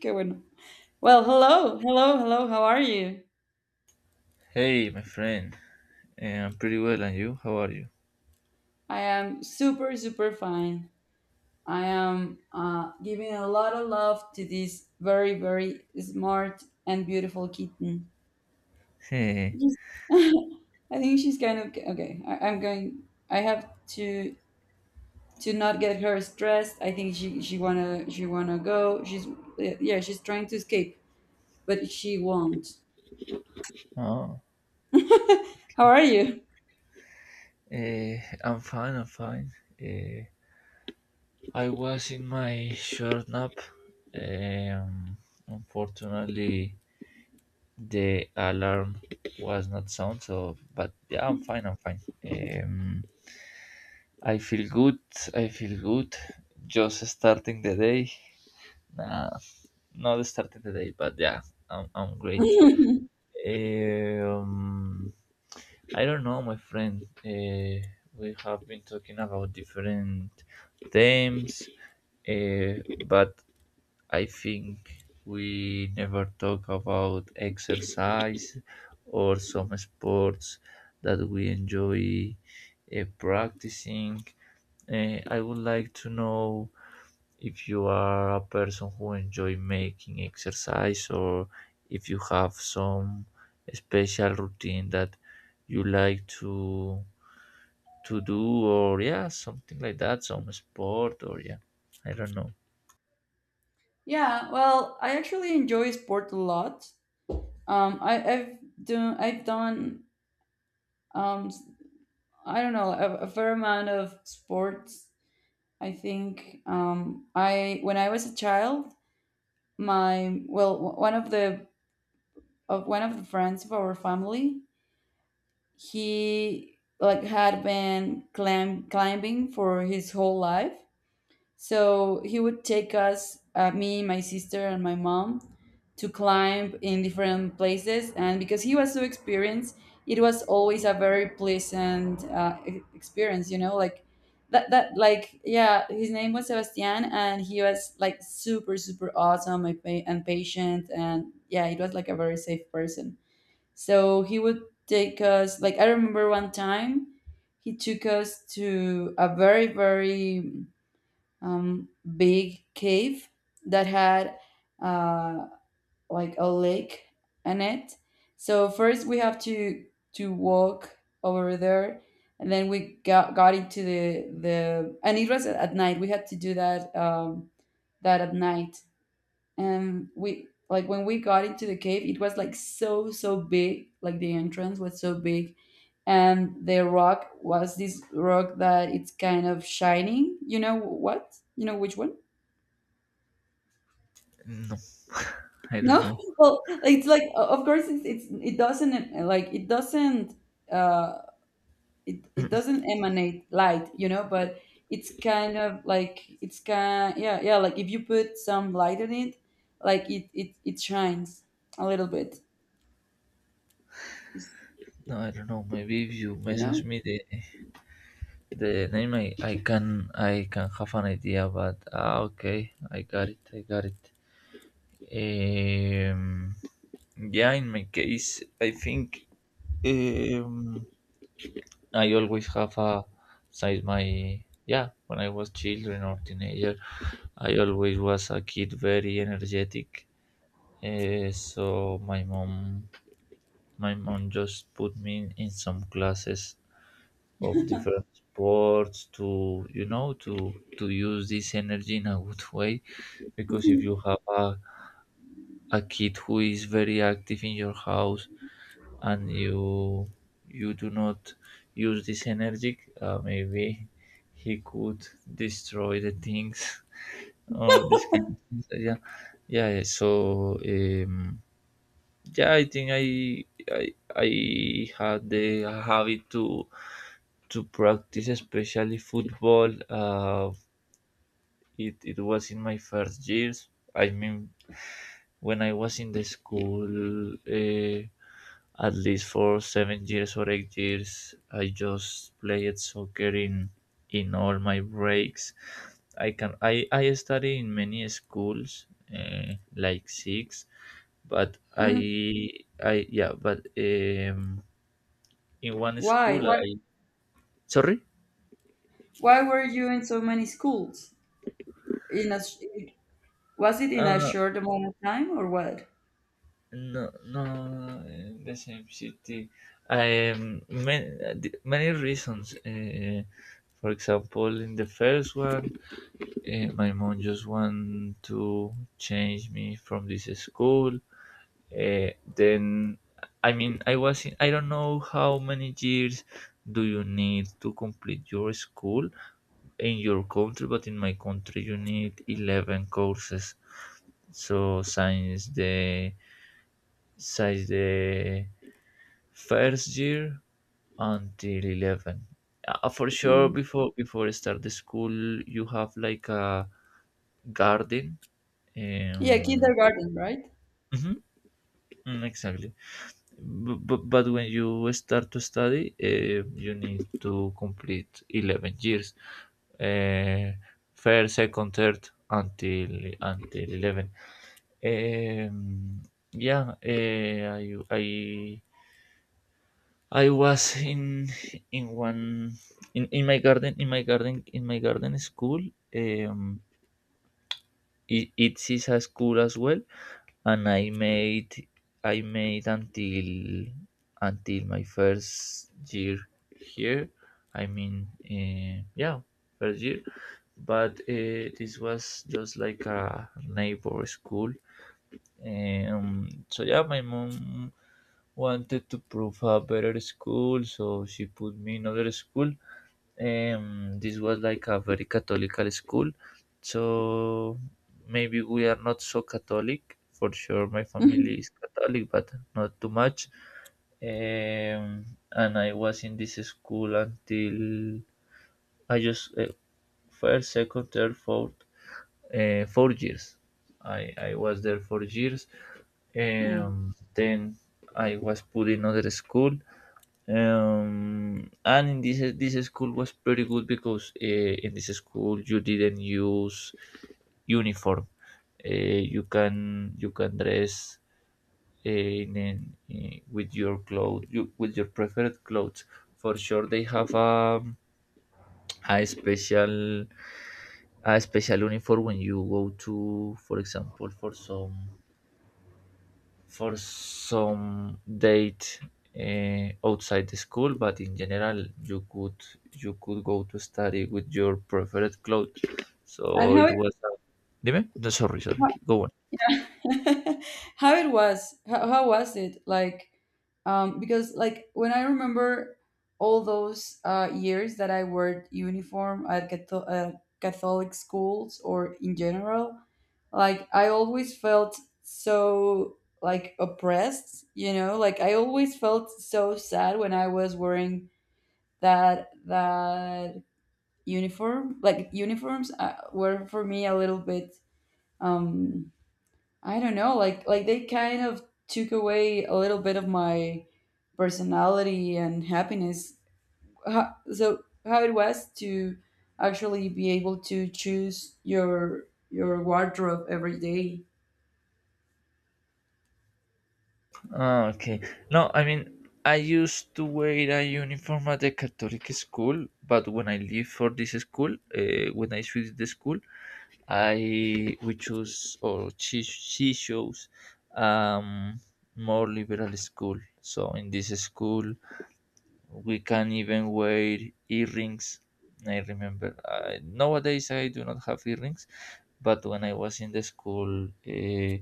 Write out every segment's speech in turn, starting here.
Going. Well, hello, hello, hello. How are you? Hey, my friend. I'm pretty well, and you? How are you? I am super, super fine. I am giving a lot of love to this very, very smart and beautiful kitten. Hey. Just- I think she's kind of okay. I'm going. I have to to not get her stressed. I think she wanna go. She's yeah. She's trying to escape, but she won't. oh, How are you? eh, I'm fine. I'm fine. Eh, I was in my short nap. Um, unfortunately, the alarm was not sound. So, but yeah, I'm fine. I'm fine. Um, I feel good. I feel good. Just starting the day. Nah, not starting the day, but yeah, I'm great. Um, I don't know, my friend. We have been talking about different themes, uh, but I think we never talk about exercise or some sports that we enjoy practicing. I would like to know if you are a person who enjoy making exercise or if you have some special routine that you like to do, or yeah, something like that, some sport or yeah, i don't know Yeah, well, I actually enjoy sport a lot. I, I've done s- I don't know a fair amount of sports. I think I when I was a child, one of the of one of the friends of our family, he like had been climbing for his whole life, so he would take us, me, my sister, and my mom, to climb in different places. And because he was so experienced, it was always a very pleasant experience. You know, like that. His name was Sebastian, and he was like super, super awesome and patient. And yeah, it was like a very safe person. So he would take us. Like I remember one time, he took us to a very, very um, big cave that had uh, like a lake in it. So first we have to walk over there, and then we got into the and it was at night. We had to do that at night, and we like when we got into the cave, it was like so big. Like the entrance was so big, and the rock was this rock that it's kind of shining. You know what? You know which one? no i don't No, know well, it's like of course it's, it doesn't like it doesn't uh it doesn't emanate light, you know, but it's kind of like it's kind yeah yeah like if you put some light on it, like it shines a little bit, It's- no I don't know, maybe if you you message know. me the name, I can, I can have an idea. But ah, okay, I got it. um yeah, in my case, I think, um I always have a, since my, yeah, when I was children or teenager, I always was a kid very energetic. Eh, so my mom just put me in some classes of different sports to, you know, to use this energy in a good way. Because if Mhm. you have a kid who is very active in your house, and you do not use this energy, maybe he could destroy the things, or this kind of things. Yeah, yeah, yeah. So. Yeah I think I, I had the habit to practice especially football. It, it was in my first years, I mean when I was in the school. uh, at least for 7 years or 8 years I just played soccer in all my breaks. I I study in many schools, like six, but i Mhm. i yeah, but in one Why school why i, Sorry? why were you in so many schools? In a sh- was it in a uh short amount of time or what? no, in the same city. I many, many reasons. uh, for example, in the first one, my mom just want to change me from this school. uh, then, I mean, I was in, I don't know how many years do you need to complete your school in your country, but in my country you need 11 courses. So since the first year until 11. For sure, Mm. before start the school, you have like a garden. Yeah, Um, kindergarten, right? mhm, mm, exactly. But when you start to study, you need to complete 11 years, uh, first, second, third, until 11. Um, yeah, I, I I was in one, in my garden, in my garden, in my garden school. Um, it, it is a school as well, and I made until my first year here. I mean, yeah, first year. But this was just like a neighbor school. So yeah, my mom wanted to prove a better school, so she put me in other school. This was like a very Catholical school, so maybe we are not so Catholic. For sure, my family is Catholic, but not too much. Um, and I was in this school until I just first, second, third, fourth, 4 years. I was there 4 years. Mm. Then I was put in another school, and in this school was pretty good, because in this school you didn't use uniform. uh, you can, you can dress with your clothes, you, with your preferred clothes. For sure, they have a special, a special uniform when you go to, for example, for some, for some date, outside the school, but in general you could, you could go to study with your preferred clothes, And so how it was a... dime no sorry, sorry, go on. How was it like, because like when I remember all those years that I wore uniform at Catholic schools or in general, like I always felt so like oppressed, you know, like I always felt so sad when I was wearing that uniform. Like uniforms were for me a little bit um I don't know, like they kind of took away a little bit of my personality and happiness. So how it was to actually be able to choose your wardrobe every day. Ah, okay. No, I mean, I used to wear a uniform at the Catholic school, but when I leave for this school, when I switched the school, I, we choose, or she chose um more liberal school. So in this school, we can even wear earrings. I remember I, nowadays I do not have earrings, but when I was in the school,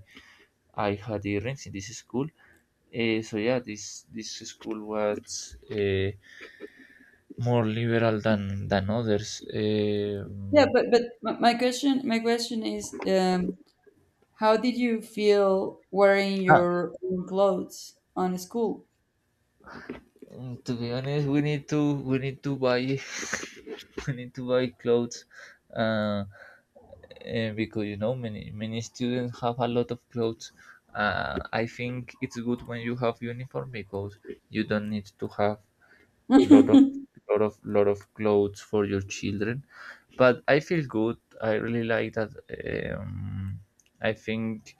I had earrings in this school. So yeah, this school was more liberal than others. Yeah, Um, but my question is, how did you feel wearing Ah, your own clothes on school? mm, ah, to be honest, we need to buy we need to buy clothes, uh, because you know many many students have a lot of clothes. I think it's good when you have uniform because you don't need to have lot of lot of lot of clothes for your children. But I feel good, I really like that. um, i think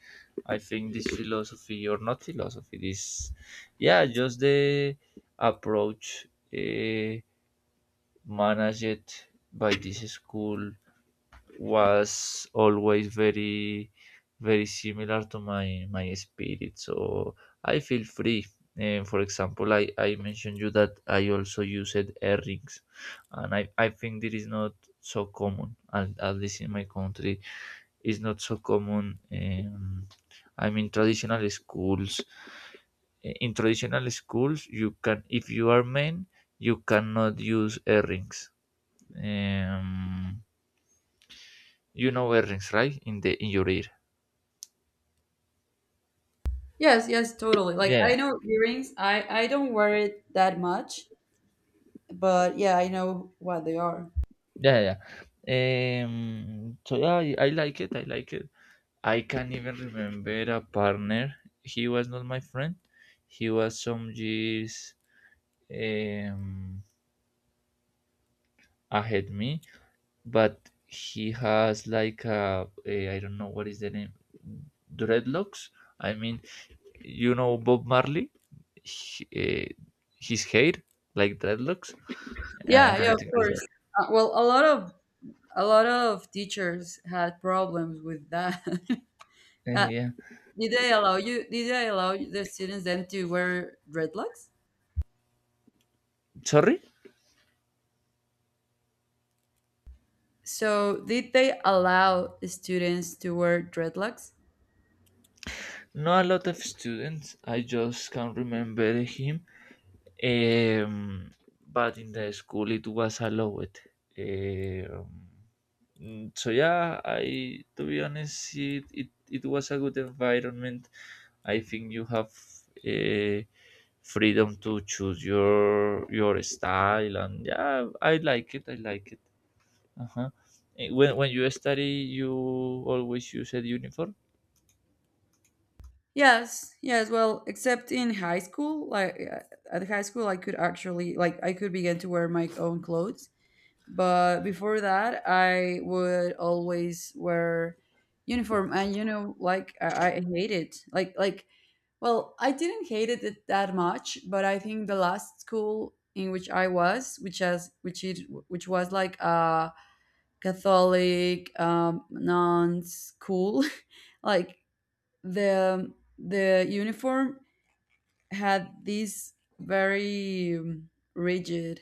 I think this philosophy, or not philosophy, this, yeah, just the approach uh, managed by this school was always very very similar to my my spirit. So I feel free, and for example, i mentioned you that I also used earrings, and i think this is not so common at least in my country. It's not so common. I mean, traditional schools. Eh, in traditional schools you can, if you are men, you cannot use earrings. um you know, earrings right in the in your ear. Yes, yes, totally. Like Yeah, I know earrings. I don't wear it that much, but yeah, I know what they are. yeah, yeah, yeah. So yeah, I like it. I like it. I can not even remember a partner. He was not my friend. He was some years um, ahead me, but he has like a, I don't know what is the name, dreadlocks. I mean, you know Bob Marley, he, uh, his hair like dreadlocks, Yeah, yeah, of something like that. course. Well, a lot of teachers had problems with that. Uh, Yeah. did they allow you? Did they allow the students then to wear dreadlocks? Sorry. So did they allow students to wear dreadlocks? Not a lot of students. I just can't remember him. Um, but in the school it was allowed. Um, so yeah, I, to be honest, it was a good environment. I think you have uh, freedom to choose your style, and yeah, I like it. I like it. Uh-huh. When you study, you always use a uniform. Yes, yes. Well, except in high school, like at high school, I could actually like I could begin to wear my own clothes. But before that, I would always wear uniform, and you know, like I hate it. Like well, I didn't hate it that much, but I think the last school in which I was, which it which was like a Catholic non school, like the the uniform had this very rigid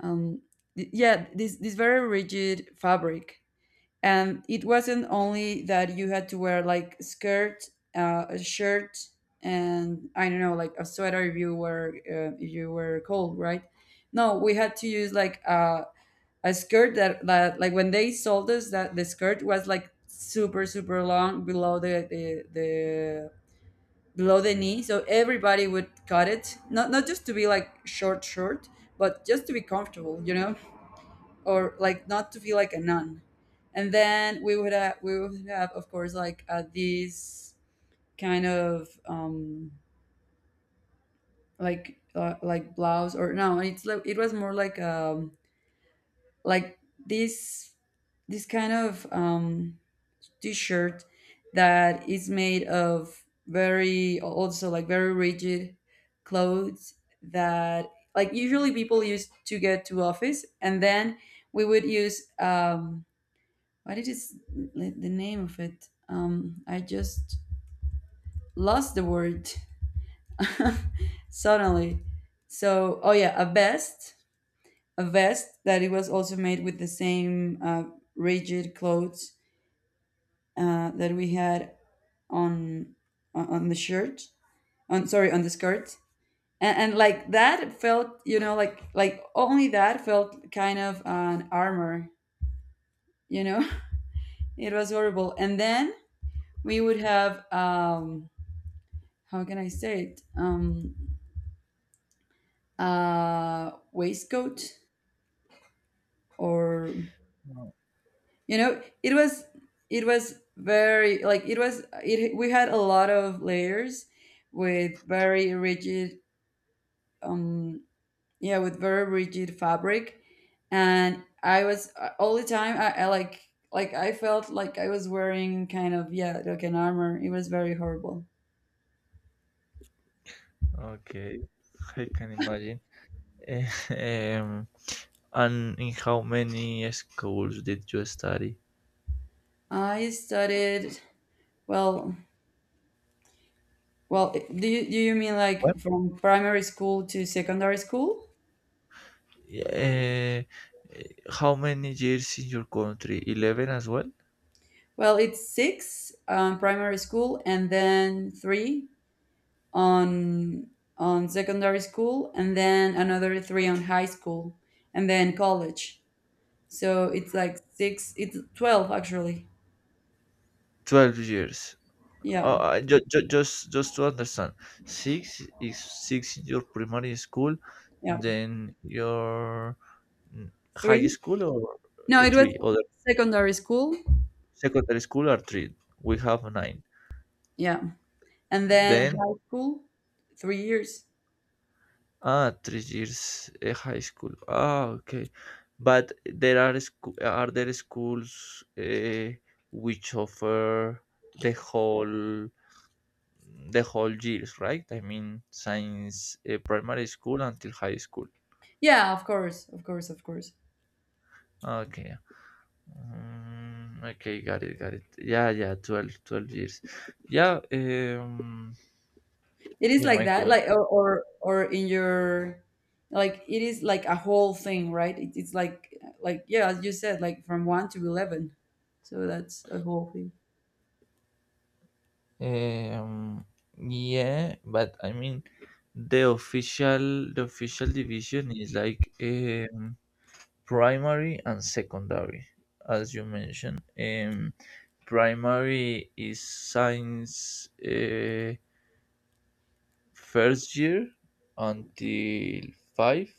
um this very rigid fabric. And it wasn't only that you had to wear like a skirt, a shirt, and I don't know, like a sweater if you were cold, right? No, we had to use like a skirt that like when they sold us that, the skirt was like super super long below the below the knee, so everybody would cut it, not just to be like short, but just to be comfortable, you know, or like not to feel like a nun. And then we would have, of course, like these kind of like blouse, or no, it's like, it was more like, like this this kind of t-shirt that is made of very also like very rigid clothes that like usually people used to get to office, and then we would use what it is like, the name of it, I just lost the word suddenly, so oh yeah, a vest that it was also made with the same rigid clothes that we had on on the shirt, on sorry, on the skirt. And like that felt, you know, like only that felt kind of an armor, you know. It was horrible. And then we would have, how can I say it? Waistcoat or, No. you know, it was very like it was it. We had a lot of layers with very rigid, um, yeah, with very rigid fabric, and I was all the time. I like I felt like I was wearing kind of yeah like an armor. It was very horrible. Okay, I can imagine. Eh, Um, and in how many schools did you study? I studied well. Well, do you mean What? like from primary school to secondary school? Uh, how many years in your country? 11 as well? Well, it's six primary school and then three on on secondary school, and then another three on high school, and then college. So it's like six. It's 12 actually. 12 years. Yeah, Oh, I just to understand, six is six in your primary school, yeah. then your mm, high Three? school, or No, it was three, or the secondary school. secondary school are three. We have nine. Yeah, and then Then, high school, 3 years. ah, 3 years high school. Ah, okay. But there are scho-, are there schools which offer the whole the whole years, right? I mean, since primary school until high school. Yeah, of course, of course, of course. Ah, okay. Yeah. Mm, okay, got it, got it. Yeah, yeah, 12, 12 years. Yeah, It is in like my that, like country. Or in your, like it is like a whole thing, right? It's like yeah, as you said, like from 1 to 11. So that's a whole thing. Um, yeah, but I mean, the official, the official division is like, primary and secondary, as you mentioned. Primary is science first year until five.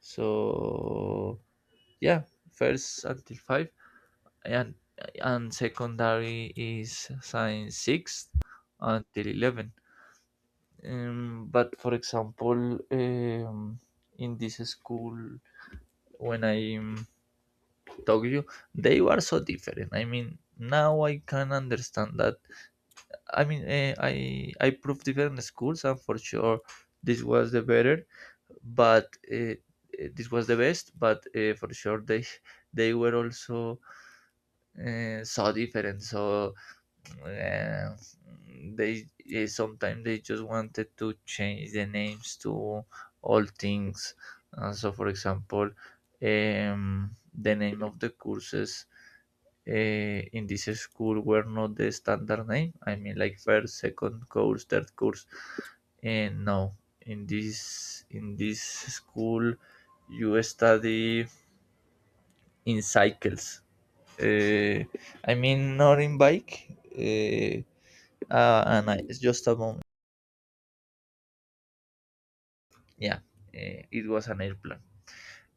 So yeah, first until five, and and secondary is science sixth until 11. But for example, in this school, when I talk you, they were so different. I mean, now I can understand that. I mean, I proved different schools, and for sure, this was the better. But this was the best. But for sure, they were also so different. So uh, they, eh, sometimes they just wanted to change the names to all things. So for example, um, the name of the courses in this school were not the standard name, I mean, like first, second course, third course and no. In this school you study in cycles. uh, I mean not in bike. And I, it's just a moment, yeah. It was an airplane.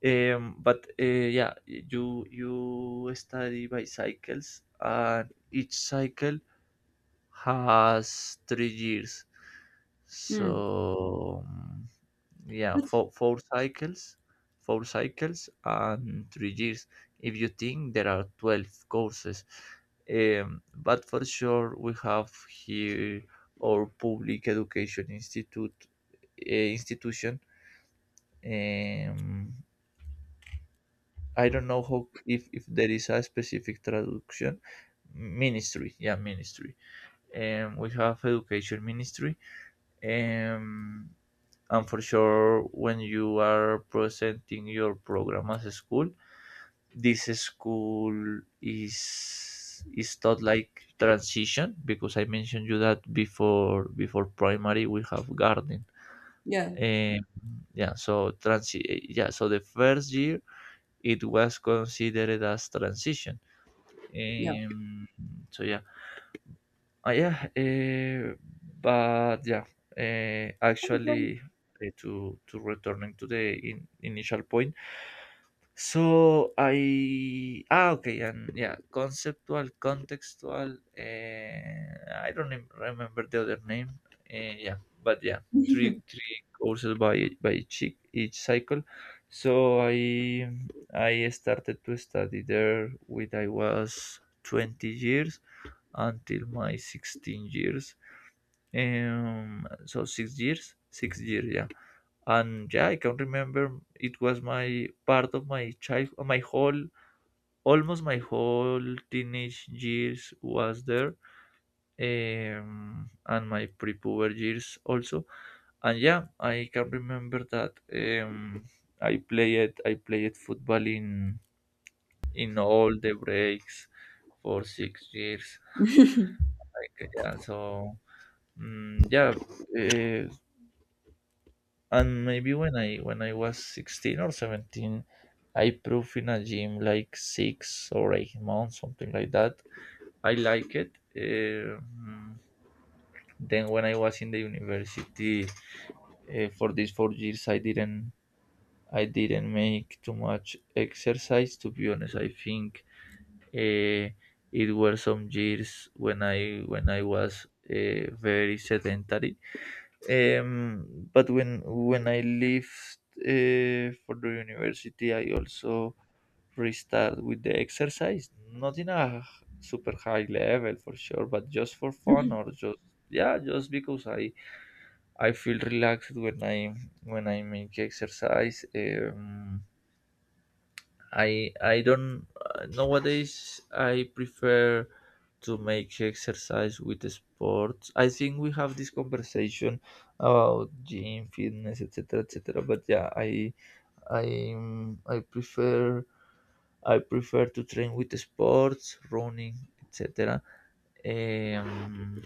But yeah, you study bicycles, and each cycle has 3 years. Hmm. So yeah, That's- four cycles and 3 years, if you think there are 12 courses. But for sure we have here our public education institute, institution. um, I don't know how, if there is a specific traduction, ministry, yeah, ministry. And we have education ministry. um, and for sure, when you are presenting your program as a school, this school is taught like transition, because I mentioned you that before primary we have garden. Yeah, um, yeah, so transi-, yeah, so the first year it was considered as transition. yeah. Um, so yeah, yeah. But yeah, Okay. actually, to returning to the initial point. So I, ah, okay, and yeah, conceptual, contextual. I don't even remember the other name. Yeah, but yeah, three courses by each cycle. So I started to study there when I was 20 years until my 16 years, so 6 years, 6 years. Yeah. And yeah, I can remember it was my part of my child, my whole, almost my whole teenage years was there. And my pre-puber years also. And yeah, I can remember that. um I played football in all the breaks for 6 years. Like, yeah, so. Mm, yeah. uh, and maybe when I was 16 or 17, I proved in a gym like 6 or 8 months, something like that. I like it. Then when I was in the university, for these 4 years, I didn't make too much exercise. To be honest, I think uh, it were some years when I was very sedentary. But when I left, for the university, I also restart with the exercise. Not in a super high level for sure, but just for fun, or just, yeah, just because I feel relaxed when I make exercise. I don't nowadays I prefer to make exercise with sports. I think we have this conversation about gym, fitness, etc., etc. But yeah, I I prefer I prefer to train with sports, running, etc. Um,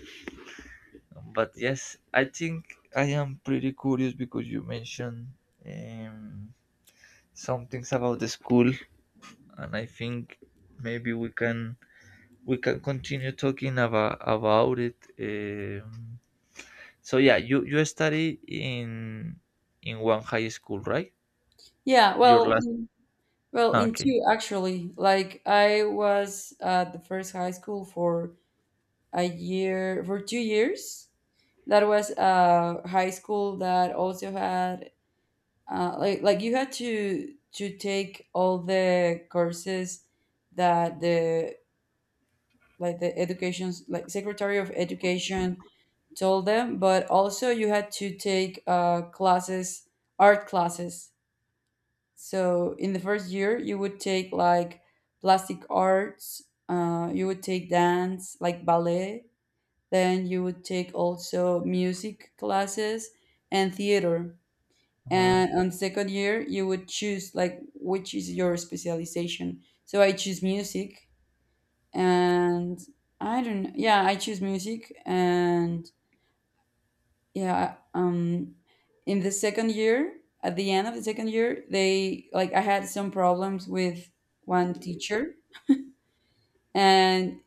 but yes, I think I am pretty curious because you mentioned um, some things about the school, and I think maybe we can continue talking about it. So yeah, you study in one high school, right? yeah, Your last. Well, Ah, in okay. two actually. Like I was at the first high school for a year, for 2 years. That was a high school that also had, uh, like you had to take all the courses that the, like the education's like secretary of education told them, but also you had to take classes, art classes. So in the first year you would take like plastic arts, uh, you would take dance like ballet, then you would take also music classes and theater. Oh, And on second year you would choose like which is your specialization, so I choose music. And I don't yeah I choose music, and yeah. In the second year, at the end of the second year, they like I had some problems with one teacher. And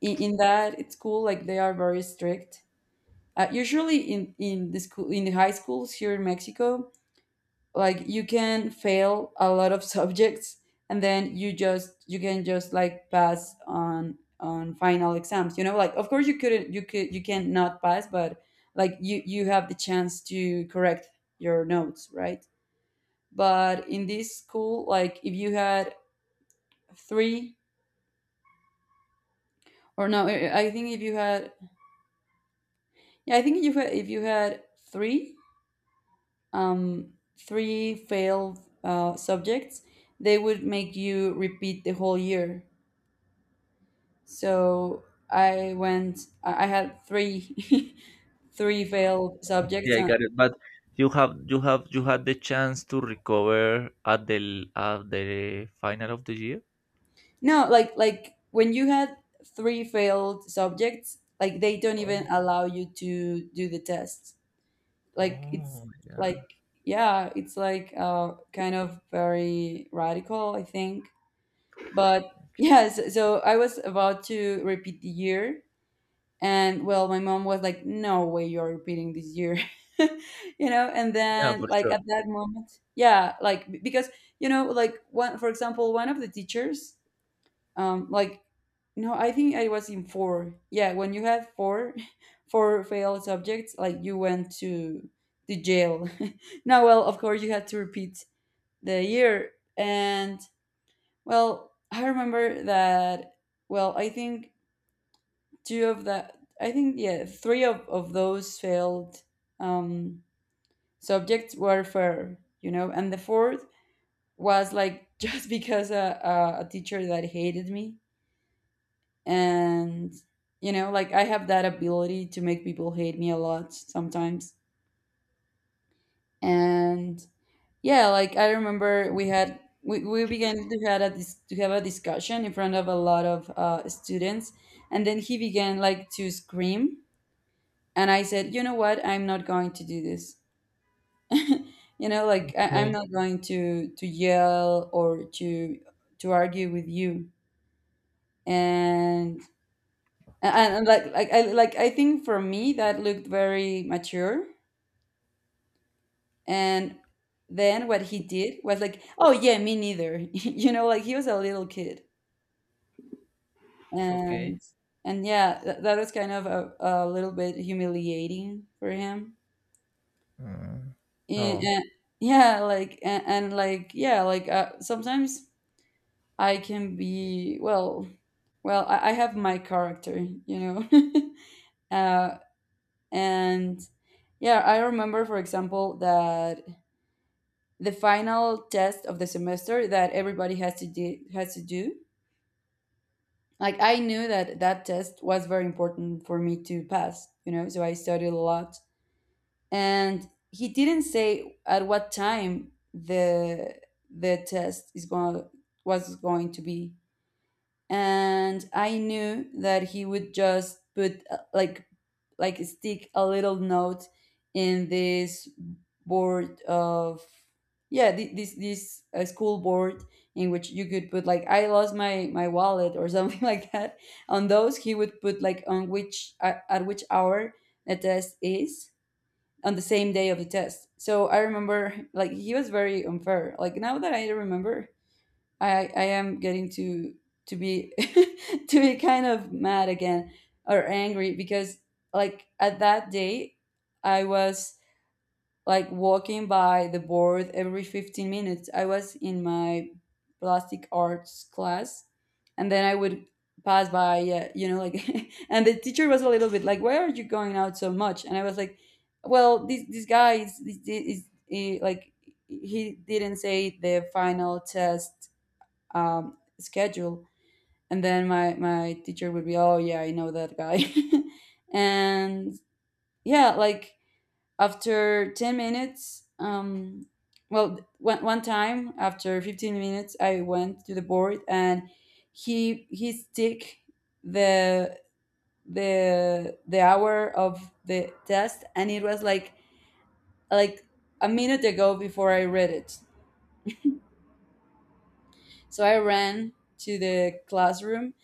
in that it's cool like they are very strict, usually in the school, in the high schools here in Mexico, like you can fail a lot of subjects and then you just you can just like pass on final exams, you know, like of course you couldn't, you could, you can not pass, but like you have the chance to correct your notes, right? But in this school, like if you had three or no I I think if you had, if you had three three failed subjects, they would make you repeat the whole year. So I went. I had three three failed yeah, subjects. I got it. But you had the chance to recover at the at the final of the year. No, like when you had three failed subjects, like they don't even Oh, allow you to do the test. Like it's oh, yeah, like yeah, it's like kind of very radical, I think. But yes, so I was about to repeat the year. And well, my mom was like, "No way, you're repeating this year," you know. And yeah, then, for like sure. at that moment, yeah, like because you know, like one, for example, one of the teachers, like, no, I think I was in four. Yeah, when you had four, four failed subjects, like you went to the jail. No, well, of course you had to repeat the year. And well, I remember that. Well, I think two of the yeah three of those failed um, subjects were fair, you know, and the fourth was like, just because a teacher that hated me. And you know, like, I have that ability to make people hate me a lot sometimes. And yeah, like, I remember we began to to have a discussion in front of a lot of students. And then he began like to scream. And I said, you know what, I'm not going to do this. You know, like, I'm Okay, not going to yell or to argue with you. And like I think for me that looked very mature. And then what he did was like, oh yeah, me neither. You know, like, he was a little kid. okay. And and yeah, that was kind of a little bit humiliating for him. Mm. Yeah, Oh, and yeah, like, and like yeah, like, sometimes I can be, well, well, I have my character, you know. uh, and yeah, I remember, for example, that the final test of the semester that everybody has to do. Like, I knew that that test was very important for me to pass, you know. So I studied a lot, and he didn't say at what time the test is going was going to be. And I knew that he would just put, like, stick a little note in this board of— yeah, this school board, in which you could put, like, I lost my wallet or something like that. On those he would put like on which at which hour the test is, on the same day of the test. So I remember, like, he was very unfair. Like, now that I remember, I am getting to be to be kind of mad again, or angry, because like at that day I was like walking by the board every 15 minutes. I was in my plastic arts class, and then I would pass by, yeah, you know, like, and the teacher was a little bit like, why are you going out so much? And I was like, well, this guy is like, he didn't say the final test schedule. And then my teacher would be, oh, yeah, I know that guy. And yeah, like, after 10 minutes, well, one time, after 15 minutes I went to the board, and he stick the the hour of the test, and it was like, like a minute ago before I read it. So I ran to the classroom,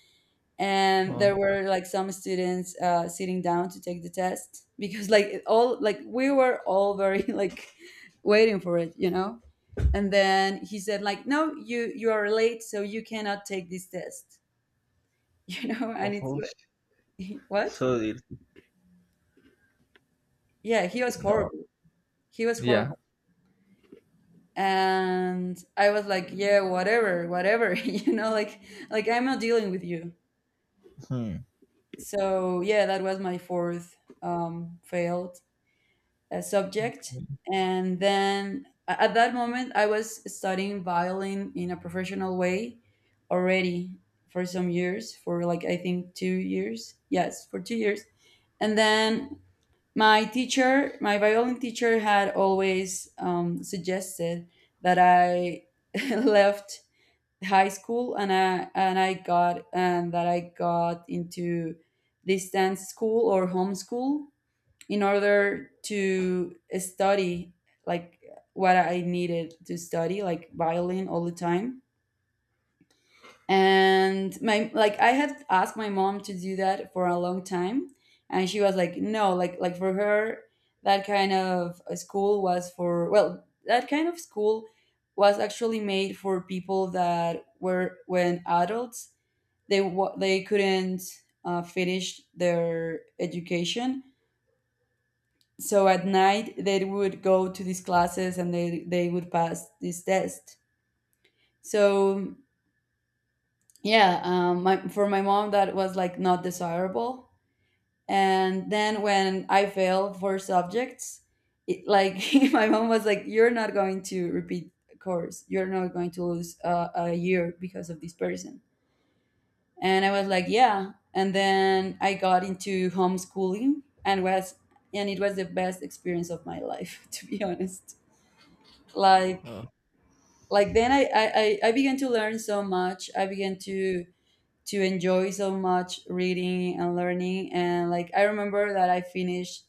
and oh, there were like some students, sitting down to take the test, because, like, it all like we were all very like waiting for it, you know. And then he said, like, no, you are late, so you cannot take this test. You know, oh, and it's— host. what? So it, Yeah, he was no, horrible. He was yeah. horrible. And I was like, yeah, whatever, whatever, you know, like, I'm not dealing with you. Hmm. So yeah, that was my fourth, failed, subject. And then, at that moment, I was studying violin in a professional way already for some years, for like I think 2 years. Yes, for 2 years. And then my teacher, my violin teacher, had always suggested that I left high school, and I got and that I got into distance school or homeschool, in order to study, like, what I needed to study, like violin all the time. And my like, I had asked my mom to do that for a long time, and she was like, no, like, for her, that kind of a school was for— well, that kind of school was actually made for people that were— when adults, they couldn't, finish their education. So at night they would go to these classes, and they would pass this test. So yeah, for my mom that was like not desirable. And then when I failed four subjects, it, like, my mom was like, "You're not going to repeat a course. You're not going to lose, a year because of this person." And I was like, "Yeah." And then I got into homeschooling, and it was the best experience of my life, to be honest. like Oh, like, then I began to learn so much, I began to enjoy so much reading and learning. And like I remember that I finished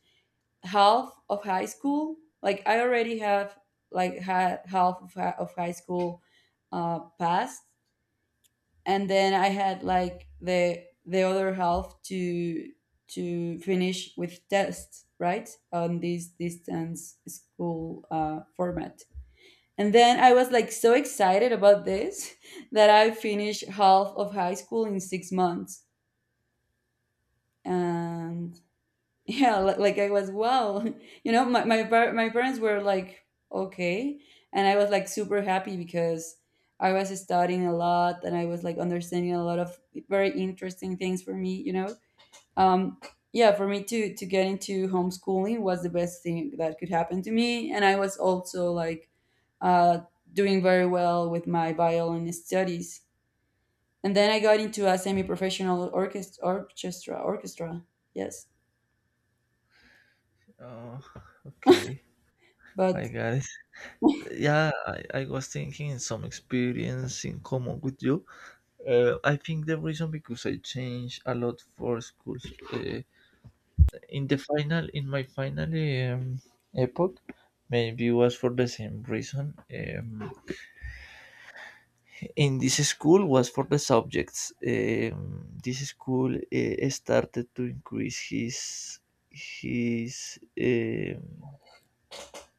half of high school. Like, I already have like had half of high school, passed, and then I had, like, the other half to finish with tests, right, on this distance school format. And then I was like so excited about this that I finished half of high school in 6 months. And yeah, like, I was, wow. You know, my parents were like, okay. And I was like super happy because I was studying a lot, and I was like understanding a lot of very interesting things for me, you know? um, yeah, for me to get into homeschooling was the best thing that could happen to me. And I was also like, uh, doing very well with my violin studies. And then I got into a semi-professional orchestra. Yes. oh, okay. Hi, But guys. Yeah, I was thinking some experience in common with you. I think the reason because I changed a lot for schools. Uh, in my final um, epoch, maybe was for the same reason. In this school was for the subjects. This school started to increase his. um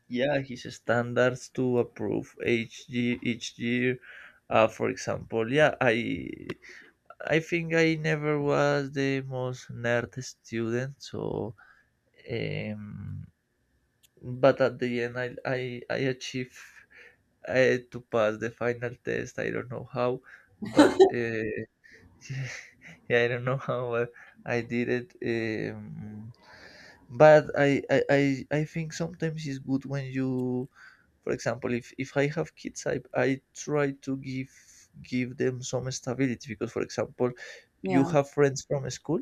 yeah his standards to approve each year, each year. For example, yeah, I think I never was the most nerd student, so um, but at the end, I achieved to pass the final test. I don't know how, but yeah, I don't know how I did it. But I think sometimes it's good when you, for example, if I have kids, I try to give them some stability, because for example you yeah, have friends from school.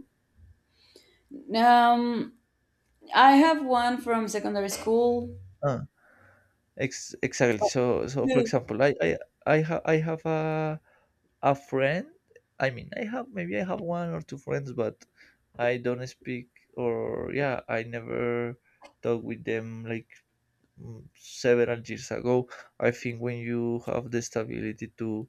um I have one from secondary school. uh, Ex exactly. But So for two. example, I have a friend. I mean, I have, maybe I have one or two friends, but I don't speak, or yeah, I never talk with them like, several years ago. I think when you have the stability to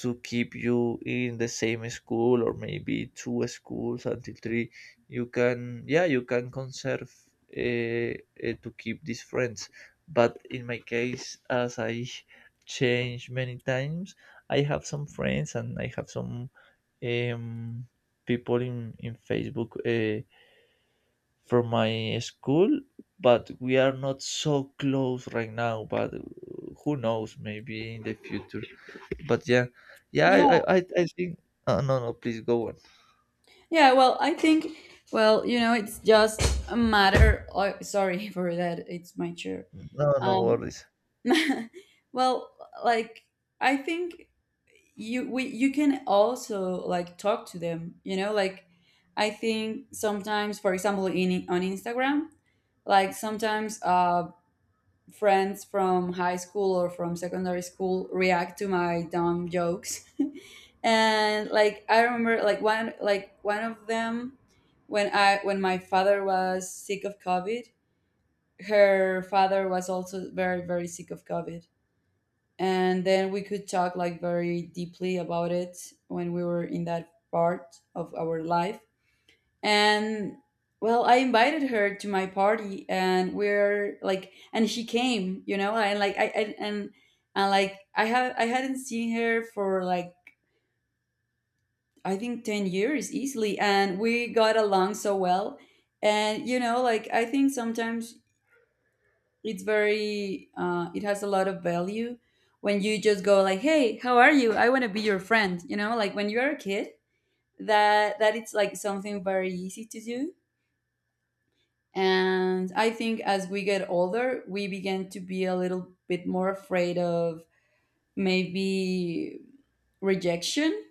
to keep you in the same school, or maybe two schools until three, you can, yeah, you can conserve, uh, to keep these friends. But in my case, as I changed many times, I have some friends, and I have some um, people in Facebook, from my school. But we are not so close right now, but who knows, maybe in the future. But yeah, yeah, i i, Yeah. I I think. Oh, no, no, please go on. Yeah, well, I think— well, you know, it's just a matter— oh, sorry, for that, it's my chair. No, no Um, worries. well, like, I think you can also, like, talk to them, you know, like, I think sometimes, for example, in on Instagram, like, sometimes, friends from high school or from secondary school react to my dumb jokes. And like I remember, like, one— one of them, when my father was sick of COVID, her father was also very, very sick of COVID. And then we could talk like very deeply about it when we were in that part of our life. And, well, I invited her to my party, and we're like, and she came, you know, and like I and like I have I hadn't seen her for like, I think, 10 years easily, and we got along so well. And, you know, like, I think sometimes, it has a lot of value when you just go like, hey, how are you, I want to be your friend, you know, like, when you're a kid, that it's like something very easy to do. And I think as we get older, we begin to be a little bit more afraid of, maybe, rejection.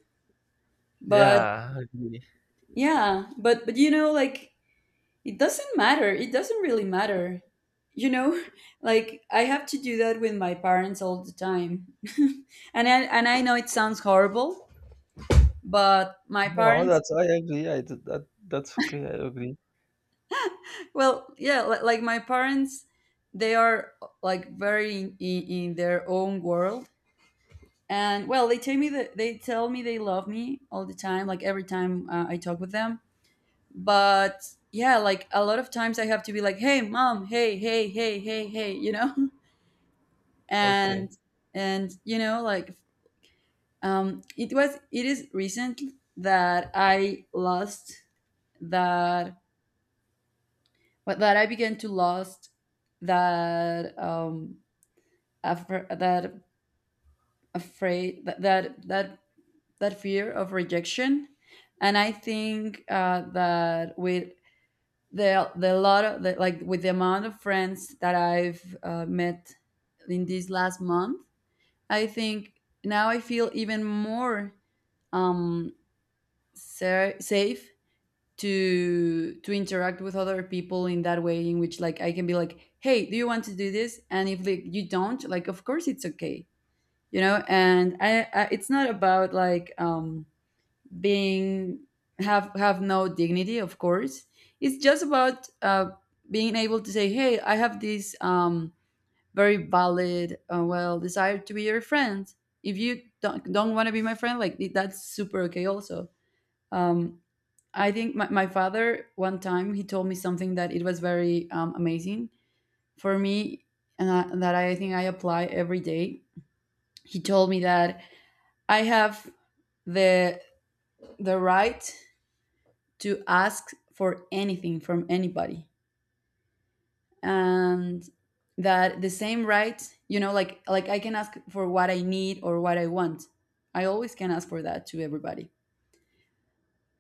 But Yeah, I agree. yeah, but you know, like, it doesn't matter. It doesn't really matter. You know, like, I have to do that with my parents all the time. And I know it sounds horrible, but my No, parents— that's, I agree, that, that's okay, I agree. well, yeah, like, my parents, they are like very, in their own world. And, well, they tell me that they tell me they love me all the time, like every time I talk with them. But yeah, like a lot of times I have to be like, hey, mom, hey, hey, hey, hey, hey, you know? and Okay, and you know, like, it is recent that I lost that— but that I began to lost that, after that— afraid— that fear of rejection. And I think, that with the lot of the, like with the amount of friends that I've, met in this last month, I think now I feel even more, um safe, to interact with other people, in that way in which, like, I can be like, hey, do you want to do this, and if, like, you don't, like, of course it's okay. You know, and, I it's not about, like, being— have no dignity, of course. It's just about, being able to say, hey, I have this, very valid, well, desire to be your friend. If you don't want to be my friend, like, that's super okay also. um I think my father one time he told me something that it was very, amazing for me, that I think I apply every day. He told me that I have the right to ask for anything from anybody, and that the same right, you know, like, I can ask for what I need or what I want. I always can ask for that to everybody.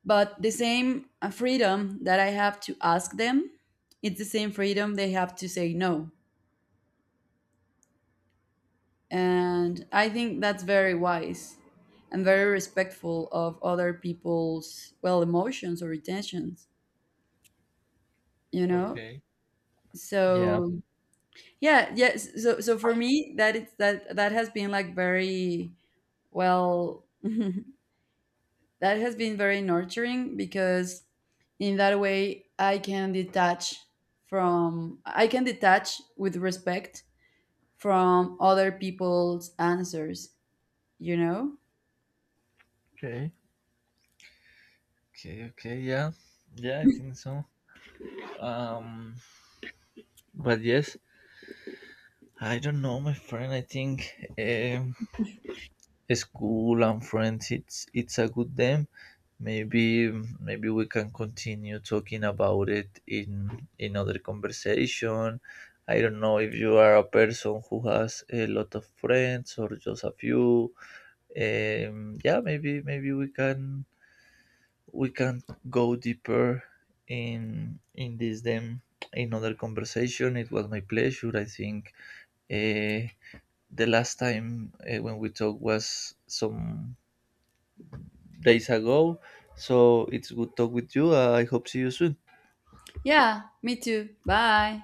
But the same, freedom that I have to ask them, it's the same freedom they have to say no. And I think that's very wise, and very respectful of other people's, well, emotions or intentions, you know? okay, yeah. So, yeah, yes. So for me, that— it's that— that has been like, very, well, that has been very nurturing, because in that way I can detach from— I can detach with respect from other people's answers, you know? Okay, okay, okay, yeah, yeah. I think so. um but yes, I don't know, my friend. I think um school and friends, it's a good them. Maybe maybe we can continue talking about it in other conversation. I don't know if you are a person who has a lot of friends or just a few. Yeah, maybe we can go deeper in this them in other conversation. It was my pleasure. I think uh, the last time when we talked was some days ago. So it's good talk with you. I hope see you soon. Yeah, me too. Bye.